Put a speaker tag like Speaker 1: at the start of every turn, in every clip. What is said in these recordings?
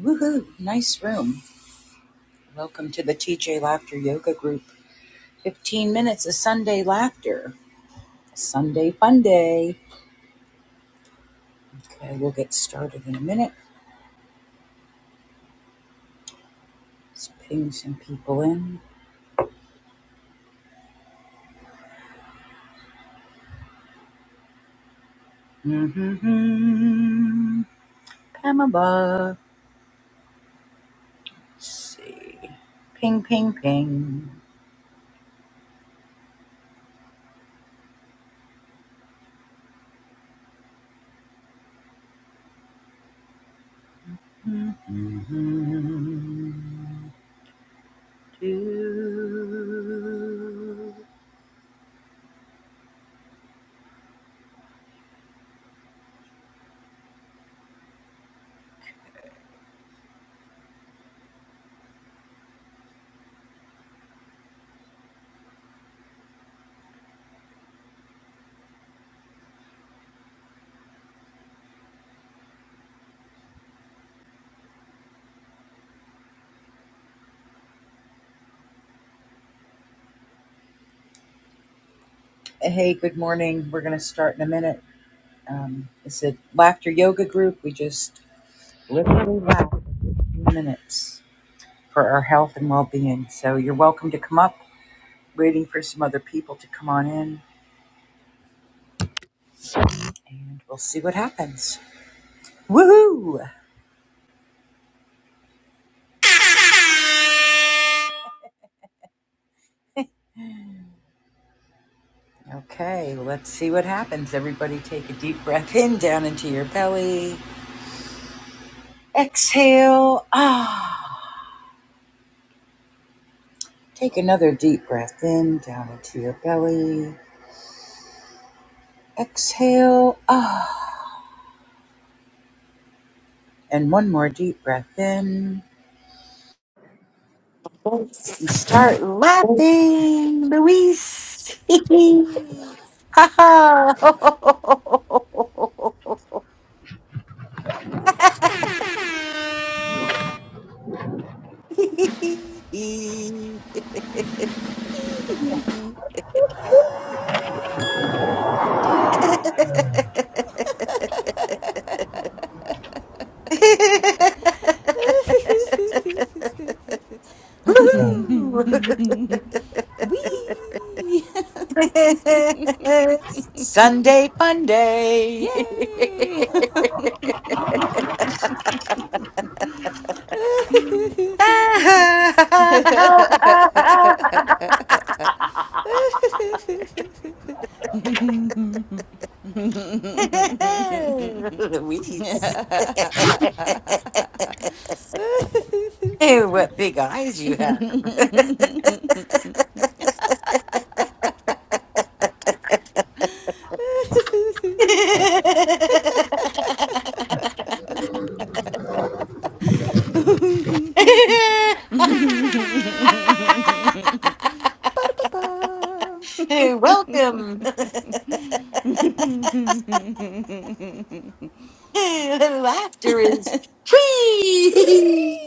Speaker 1: Woohoo! Nice room. Welcome to the TJ Laughter Yoga Group. 15 minutes of Sunday laughter. Sunday fun day. Okay, we'll get started in a minute. Let's ping some people in. Mm-hmm. Pamela. Let's see. Ping, ping, ping. mm Mhm. Do. Hey, good morning. We're going to start in a minute. Um, it's a laughter yoga group. We just Wow, minutes for our health and well-being. So you're welcome to come up. Waiting for some other people to come on in, and we'll see what happens. Woohoo! Okay, let's see what happens. Everybody, take a deep breath in down into your belly. Exhale. Ah. Take another deep breath in down into your belly. Exhale. Ah. And one more deep breath in. Let's start laughing, Luis. Ha ha.
Speaker 2: Hee hee hee hee. Hee. Ding.
Speaker 1: Woohoo.
Speaker 2: Wee.
Speaker 1: Sunday fun day.
Speaker 2: Yay.
Speaker 1: Luis. Hey, what big eyes you have. Hey, Welcome. Laughter is
Speaker 2: Free.
Speaker 1: free.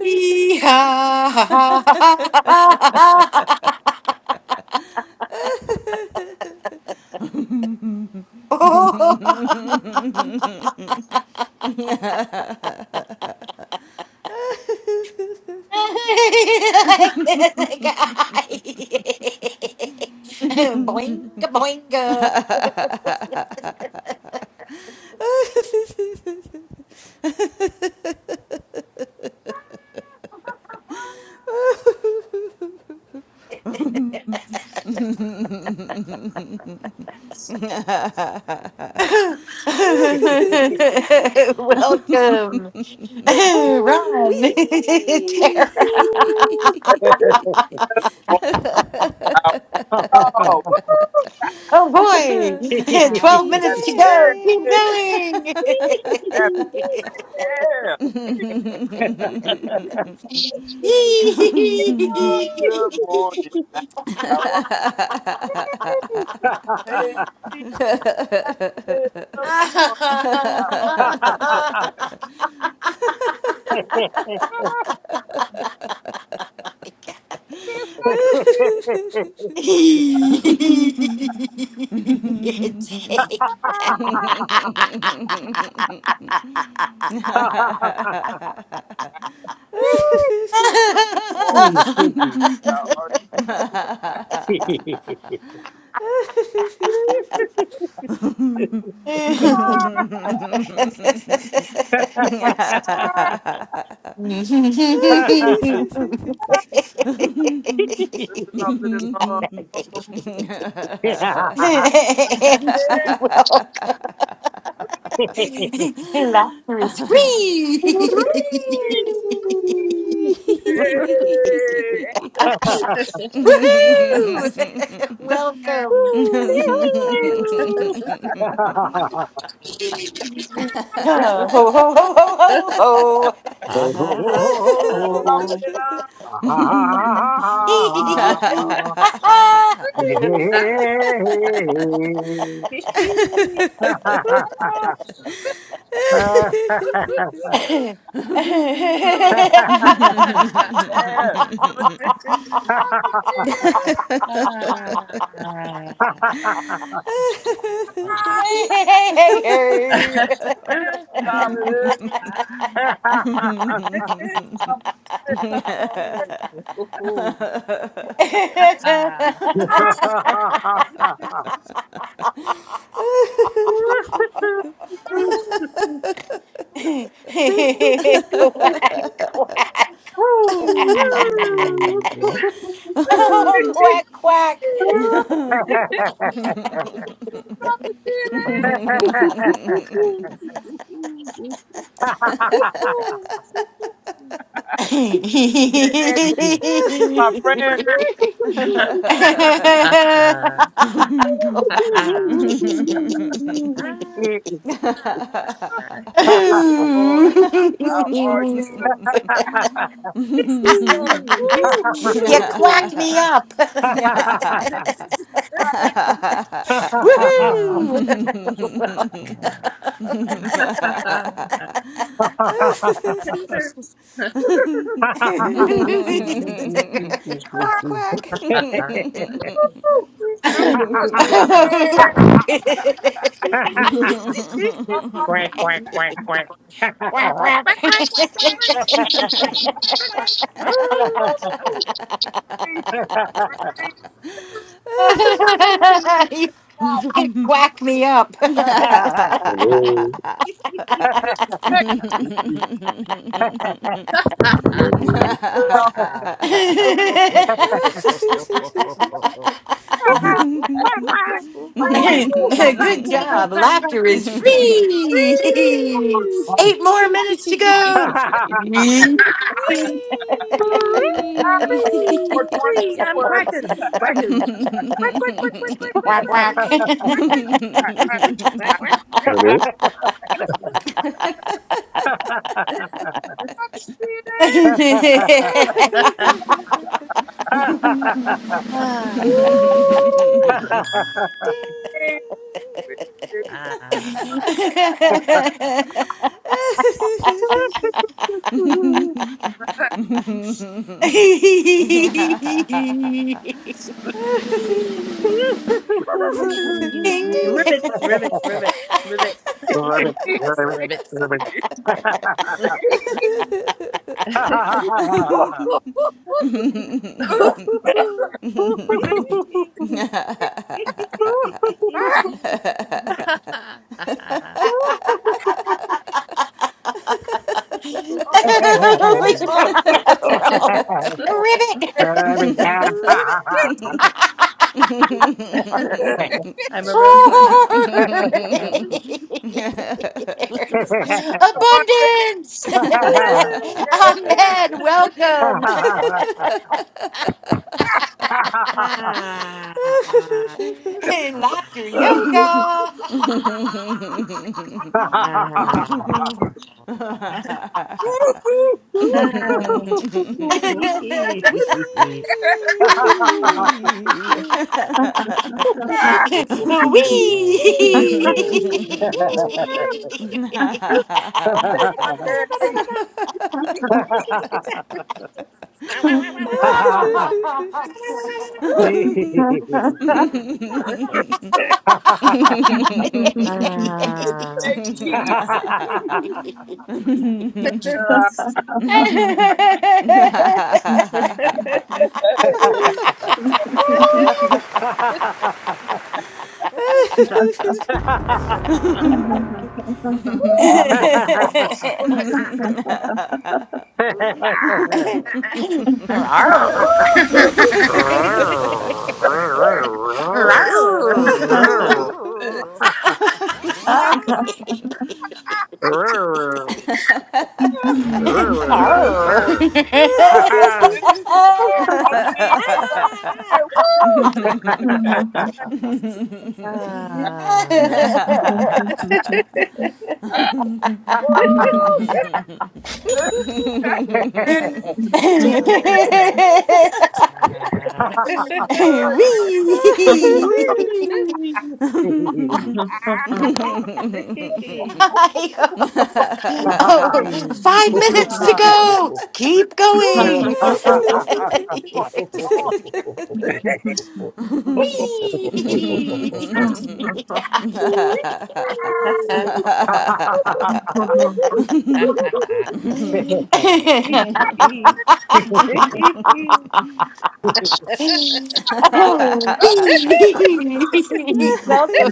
Speaker 1: Yee-haw. Boinga boinga. Welcome, Ron,
Speaker 2: Wee.
Speaker 1: Tara.
Speaker 3: going out. Oh, woo!
Speaker 1: Oh boy, 12
Speaker 2: Happy
Speaker 1: minutes
Speaker 3: Happy
Speaker 1: to go. Keep
Speaker 3: day.
Speaker 2: day.
Speaker 1: going.
Speaker 3: Happy day. Oh, Good morning, man. How are you? Hey, Steve, good morning. How are you?
Speaker 1: Take.
Speaker 3: Good morning. How are you?
Speaker 2: Free.
Speaker 1: Angie,
Speaker 3: Ah, ah. Love it. love it.
Speaker 1: welcome.
Speaker 4: Hallelujah.
Speaker 1: Laughter is free.
Speaker 3: Hey, hey,
Speaker 1: Woohoo!
Speaker 3: hey.
Speaker 1: Welcome. Ho ho ho ho ho
Speaker 5: Ha ha ha ha
Speaker 3: Love it. love
Speaker 1: ho.
Speaker 5: ha
Speaker 3: it.
Speaker 5: ha
Speaker 3: Ah, yeah. You know what time it is? Time
Speaker 5: ha ha.
Speaker 1: quack, quack.
Speaker 5: Oh.
Speaker 3: it
Speaker 1: Oh,
Speaker 3: is.
Speaker 1: quack, quack.
Speaker 3: Woo! It's time to feel it.
Speaker 1: you
Speaker 3: Hey, Anthony, this is my friend. Oh, how are you? Yeah. Woo!
Speaker 1: quacked me up.
Speaker 3: Like,
Speaker 1: Woohoo!
Speaker 2: quack
Speaker 3: ah,
Speaker 2: quack
Speaker 3: woo!
Speaker 5: Quack,
Speaker 3: You
Speaker 5: quack,
Speaker 1: quack
Speaker 5: quack,
Speaker 3: must say it.
Speaker 1: quack.
Speaker 5: quack,
Speaker 3: I'm like,
Speaker 4: quack, quack, quack, quack.
Speaker 2: quack quack
Speaker 5: quack, quack,
Speaker 2: quack
Speaker 5: quack, quack.
Speaker 2: quack.
Speaker 5: Arr, arr.
Speaker 3: woo! Please release
Speaker 1: you
Speaker 3: that
Speaker 1: quack me up.
Speaker 6: Hello,
Speaker 3: next
Speaker 6: hello
Speaker 5: Ah, ah,
Speaker 6: everyone.
Speaker 5: ah,
Speaker 3: love.
Speaker 5: ah. Ho, ho, ho, ho, ho, ho, ho, ho, ho, ho.
Speaker 3: Ah,
Speaker 5: Ho, ho, ho, ho,
Speaker 3: yeah.
Speaker 5: ho.
Speaker 3: Woo!
Speaker 1: Good job. Laughter is free.
Speaker 5: Free,
Speaker 3: Woo!
Speaker 1: Eight more
Speaker 2: Free.
Speaker 1: minutes to go.
Speaker 3: Ah,
Speaker 2: Wee.
Speaker 5: free,
Speaker 3: 420
Speaker 5: free. I'm
Speaker 3: where
Speaker 5: quacking, quacking. Quack, quack, quack, quack, quack, quack,
Speaker 1: Quack
Speaker 5: quack, quack,
Speaker 1: quack.
Speaker 5: quack, quack, quack.
Speaker 3: I, I,
Speaker 5: Quack,
Speaker 3: I, I,
Speaker 5: quack, quack,
Speaker 6: Hello,
Speaker 5: quack.
Speaker 3: I, I,
Speaker 5: Quack, quack. quack, quack.
Speaker 3: Woo!
Speaker 5: Ah, ah,
Speaker 2: Ding.
Speaker 5: ah.
Speaker 1: Ding.
Speaker 2: Ding!
Speaker 5: Yay. Ribbit, ribbit, ribbit, ribbit,
Speaker 4: Rabbit, rabbit,
Speaker 5: ribbit.
Speaker 4: rabbit. Ha ha ha ha ha ha. Ha
Speaker 1: We should have a roll. Ribbit. Sword.
Speaker 5: I'm a road runner.
Speaker 1: Sword.
Speaker 5: Abandoned!
Speaker 1: There's abundance.
Speaker 5: I'm
Speaker 1: Ahmed,
Speaker 5: it!
Speaker 1: welcome.
Speaker 5: Ah. Ah.
Speaker 1: Laughter yoga.
Speaker 5: Ah.
Speaker 2: Wee!
Speaker 7: Thank you.
Speaker 1: Wee!
Speaker 3: Sunday, Monday, thank
Speaker 4: ha
Speaker 3: you. Uh,
Speaker 4: ha
Speaker 3: hey.
Speaker 5: Ah.
Speaker 3: Woo!
Speaker 5: Ah.
Speaker 1: Arr. Arr.
Speaker 3: Good
Speaker 1: Arr.
Speaker 3: morning.
Speaker 1: Wee.
Speaker 3: How are you? I'll see you. What's up? Hey, woo! Hey,
Speaker 4: Wee!
Speaker 3: oh, yes. Hey,
Speaker 2: Ka-ching!
Speaker 5: Ah.
Speaker 3: Good, man.
Speaker 1: oh, five minutes to
Speaker 3: Ah,
Speaker 1: go.
Speaker 3: but-
Speaker 1: Keep
Speaker 7: Yay!
Speaker 1: going.
Speaker 3: woo, Come on. Come on.
Speaker 1: Wee. Oh,
Speaker 3: Ah,
Speaker 1: welcome.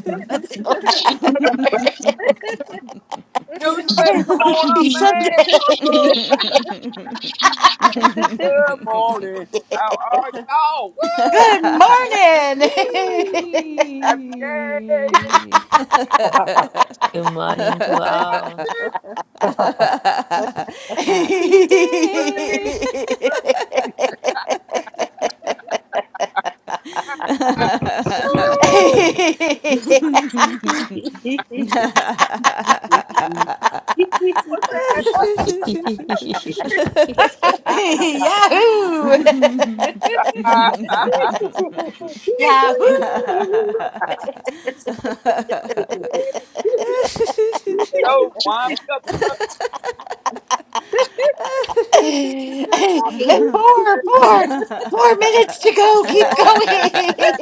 Speaker 3: Joseph, come on up,
Speaker 1: Happy Sunday.
Speaker 3: man. Woo. Good morning. How are y'all? Woo!
Speaker 1: Good morning.
Speaker 3: Happy day.
Speaker 2: Wee!
Speaker 8: Good morning to all.
Speaker 3: Good
Speaker 2: Happy
Speaker 3: morning.
Speaker 2: day!
Speaker 3: Woo! What's that?
Speaker 2: Wee!
Speaker 1: Yahoo!
Speaker 5: you
Speaker 1: Yahoo!
Speaker 3: Lucky. Here we go. Wind me up, Chuck. Let's stop the business
Speaker 1: Four, four, four minutes to go.
Speaker 3: for
Speaker 1: Keep
Speaker 3: a
Speaker 1: going.
Speaker 3: minute. Yeah,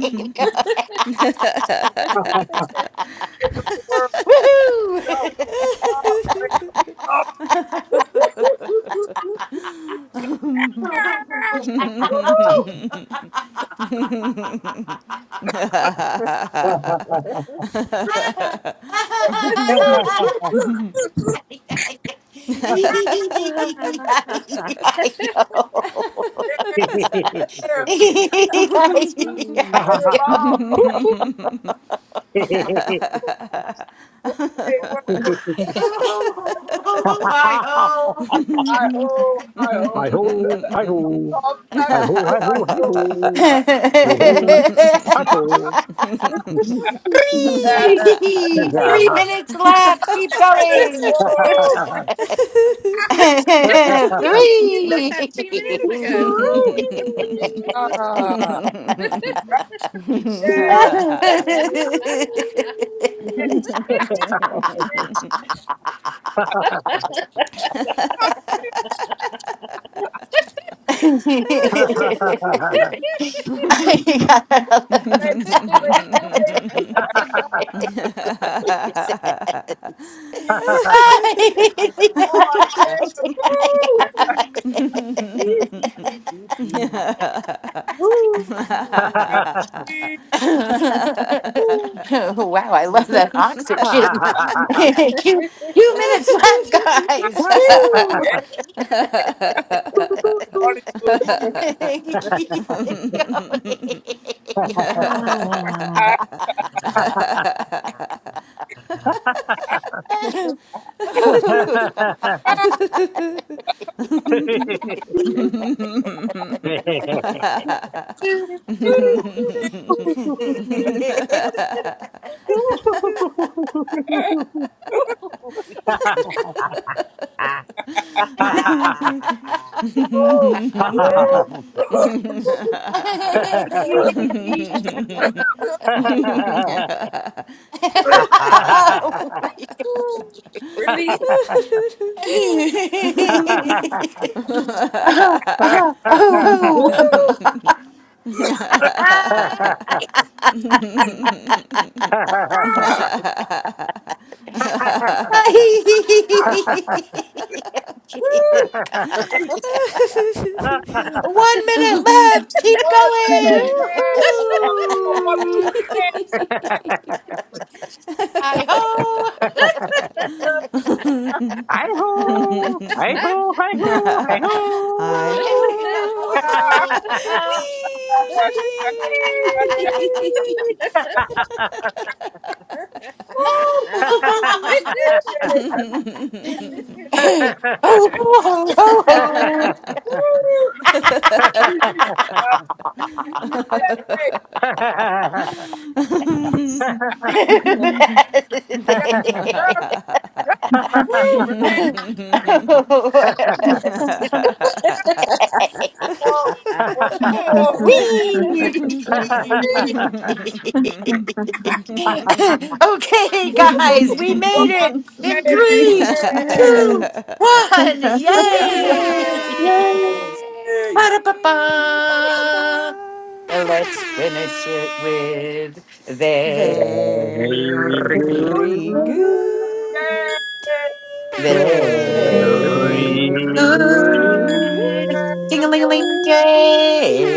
Speaker 1: Keep going.
Speaker 3: wake up the world. No,
Speaker 1: Woohoo!
Speaker 3: no, wake up. Woo! Yeah. Hey, mom. Hey, world.
Speaker 1: Oh, I hope.
Speaker 3: Hi ho, hi ho.
Speaker 4: Hi ho, hi ho,
Speaker 3: All the back
Speaker 4: hi ho,
Speaker 3: go
Speaker 4: hi ho,
Speaker 3: back
Speaker 4: hi ho,
Speaker 3: go.
Speaker 4: ho ho, hi ho.
Speaker 1: Three three minutes left. Keep
Speaker 3: Three minutes.
Speaker 1: going.
Speaker 3: Whoa.
Speaker 1: Three.
Speaker 5: said
Speaker 1: I
Speaker 5: that
Speaker 1: got
Speaker 5: three minutes ago.
Speaker 3: Woo! Ah. Right there. Hey, hey, hey.
Speaker 4: Yeah.
Speaker 3: Wait, wait, wait. wait. Lord, woo! God,
Speaker 1: wow, I love that oxygen. two, two minutes left, guys. Two.
Speaker 3: everybody do
Speaker 1: Keep it going.
Speaker 3: that.
Speaker 1: oh,
Speaker 3: Woo! Woo! Woo! Release.
Speaker 1: oh, oh, oh.
Speaker 3: Woo!
Speaker 1: Ah.
Speaker 3: Ah!
Speaker 1: Jesus,
Speaker 3: Woo! He's
Speaker 1: God. One minute left. Keep
Speaker 3: one minute,
Speaker 1: going.
Speaker 3: man. Come on, for one
Speaker 4: Yoo-hoo!
Speaker 3: minute.
Speaker 4: Hi
Speaker 1: Hi ho.
Speaker 3: man.
Speaker 4: ho! Hi ho! Hi ho! Hi ho!
Speaker 2: Hi ho!
Speaker 3: Woo!
Speaker 1: oh,
Speaker 3: Ah!
Speaker 1: oh,
Speaker 2: Whee!
Speaker 1: oh,
Speaker 3: Woo! Hey, hey. hey.
Speaker 1: oh.
Speaker 3: Woo! Release. Okay. Yes, yes, yes. Woo! Come on. One more.
Speaker 1: Whee!
Speaker 3: Three.
Speaker 1: okay, guys, we
Speaker 3: One.
Speaker 1: made it in three,
Speaker 3: Yay.
Speaker 1: two, one. Yay!
Speaker 2: Yay!
Speaker 3: Yay.
Speaker 2: Ba-da-ba-ba.
Speaker 1: Ba-da-ba-ba. And Let's finish it with very,
Speaker 3: We
Speaker 4: Very
Speaker 3: good.
Speaker 2: Very
Speaker 4: good.
Speaker 3: Yay.
Speaker 2: good. Ding.
Speaker 7: Yay!
Speaker 3: Yay.
Speaker 1: very
Speaker 2: Very
Speaker 4: Very good.
Speaker 1: good.
Speaker 2: good.
Speaker 1: Ding a ling a ling,
Speaker 2: Ding.
Speaker 4: Yes,
Speaker 1: yay!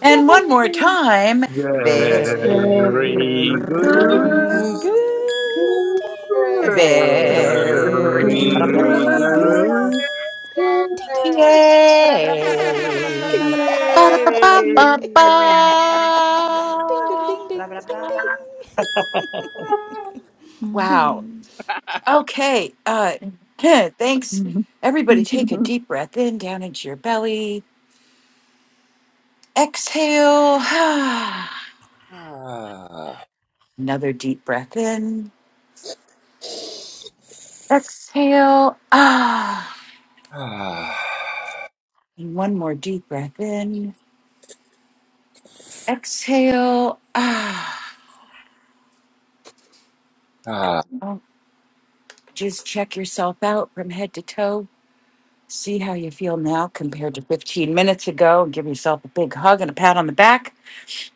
Speaker 1: And one more time,
Speaker 3: Yay.
Speaker 1: very
Speaker 7: Yay!
Speaker 4: Very
Speaker 3: Good.
Speaker 4: good.
Speaker 2: Very good.
Speaker 1: good,
Speaker 2: Ding.
Speaker 3: Yay.
Speaker 4: Very
Speaker 1: very
Speaker 2: Very good.
Speaker 7: Yay!
Speaker 1: good.
Speaker 4: good.
Speaker 7: Yay!
Speaker 2: Ding, ding, ding,
Speaker 3: Yay.
Speaker 2: ding, ding, ding, ding,
Speaker 1: Yay!
Speaker 2: ding, ding.
Speaker 1: Ba-da-ba-ba-ba.
Speaker 4: Yay.
Speaker 2: ding, ding, ding, ding, ding, ding.
Speaker 7: Mm.
Speaker 1: Wow. Okay. Uh, thanks.
Speaker 7: Mhm.
Speaker 1: Everybody take a deep breath in down into your belly. Exhale.
Speaker 3: Ah.
Speaker 1: Another deep breath in. Exhale. Ah.
Speaker 3: Ah.
Speaker 1: And one more deep breath in. Exhale. Ah.
Speaker 3: Ah.
Speaker 1: Oh, just check yourself out from head to toe. See how you feel now compared to 15 minutes ago and give yourself a big hug and a pat on the back.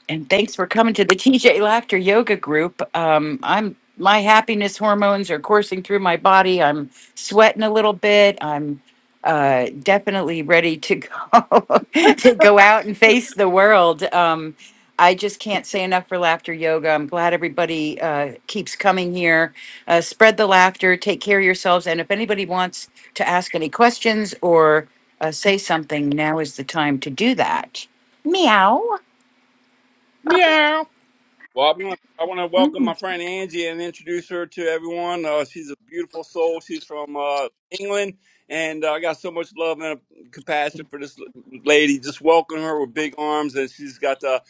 Speaker 1: And thanks for coming to the TJ Laughter Yoga Group. Um, I'm my happiness hormones are coursing through my body. I'm sweating a little bit. I'm uh, definitely ready to go to go out and face the world. Um, I just can't say enough for laughter yoga. I'm glad everybody uh, keeps coming here. Uh, spread the laughter. Take care of yourselves. And if anybody wants to ask any questions or uh, say something, now is the time to do that. Meow.
Speaker 3: Meow. Well, I want, I want to welcome my friend Angie and introduce her to everyone. Uh, she's a beautiful soul. She's from uh, England, and uh, I got so much love and compassion for this lady. Just welcome her with big arms, and she's got the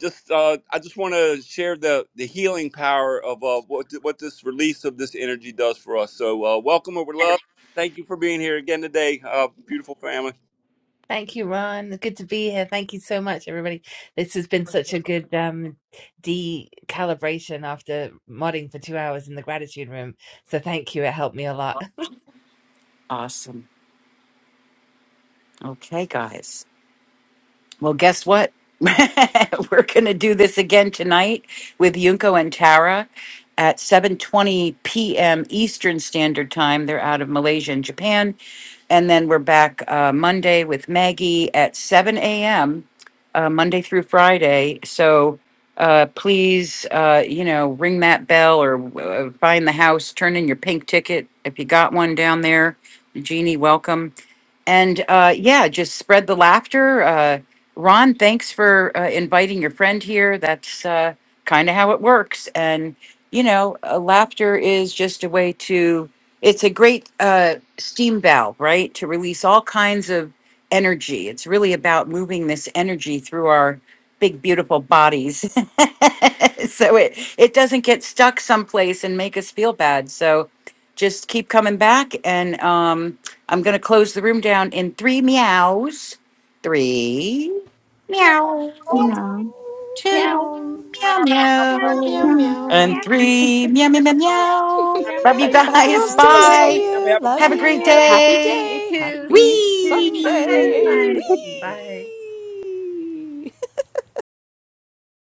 Speaker 3: just. Uh, I just want to share the the healing power of uh, what what this release of this energy does for us. So, uh, welcome her with love. Thank you for being here again today, uh, beautiful family.
Speaker 5: Thank you, Ron. Good to be here. Thank you so much, everybody. This has been such a good um, decalibration after modding for two hours in the gratitude room. So thank you. It helped me a lot.
Speaker 1: Awesome. Okay, guys. Well, guess what? We're going to do this again tonight with Yunko and Tara at 7:20 p.m. Eastern Standard Time. They're out of Malaysia and Japan, and then we're back uh, Monday with Maggie at 7 a.m. Uh, Monday through Friday. So uh, please, uh, you know, ring that bell or uh, find the house. Turn in your pink ticket if you got one down there. Jeannie, welcome and uh, yeah, just spread the laughter. Uh, Ron, thanks for uh, inviting your friend here. That's uh, kind of how it works. And, you know, uh, laughter is just a way to, it's a great uh, steam valve, right? To release all kinds of energy. It's really about moving this energy through our big, beautiful bodies. so it, it doesn't get stuck someplace and make us feel bad. So, just keep coming back and um i'm gonna close the room down in three meows three
Speaker 3: Meow,
Speaker 1: meow
Speaker 2: meow.
Speaker 7: yeah.
Speaker 1: two
Speaker 5: Meow,
Speaker 8: meow,
Speaker 1: meow
Speaker 3: meow, meow, meow, meow.
Speaker 5: meow,
Speaker 2: Meow,
Speaker 8: meow,
Speaker 1: meow
Speaker 7: Yeah.
Speaker 2: meow.
Speaker 8: meow.
Speaker 7: Yeah.
Speaker 1: and
Speaker 5: meow,
Speaker 1: three meow meow
Speaker 3: That's
Speaker 1: meow
Speaker 3: our family.
Speaker 1: meow
Speaker 2: Meow,
Speaker 5: meow, meow,
Speaker 2: meow,
Speaker 1: love
Speaker 2: meow,
Speaker 1: you
Speaker 8: Bye
Speaker 5: meow.
Speaker 1: guys
Speaker 7: Yes,
Speaker 2: meow.
Speaker 8: bye.
Speaker 2: Thank
Speaker 1: bye
Speaker 7: dear.
Speaker 2: you.
Speaker 3: Have a
Speaker 5: Meow
Speaker 3: wonderful,
Speaker 2: Love
Speaker 1: have a
Speaker 5: meow
Speaker 1: great
Speaker 2: you.
Speaker 5: meow.
Speaker 3: fabulous
Speaker 2: Happy
Speaker 1: day
Speaker 5: You
Speaker 2: day.
Speaker 5: too.
Speaker 2: Happy
Speaker 5: You too. Bye.
Speaker 2: Sunday.
Speaker 3: Whee!
Speaker 1: Wee!
Speaker 5: Bye. Bye.
Speaker 2: Wee.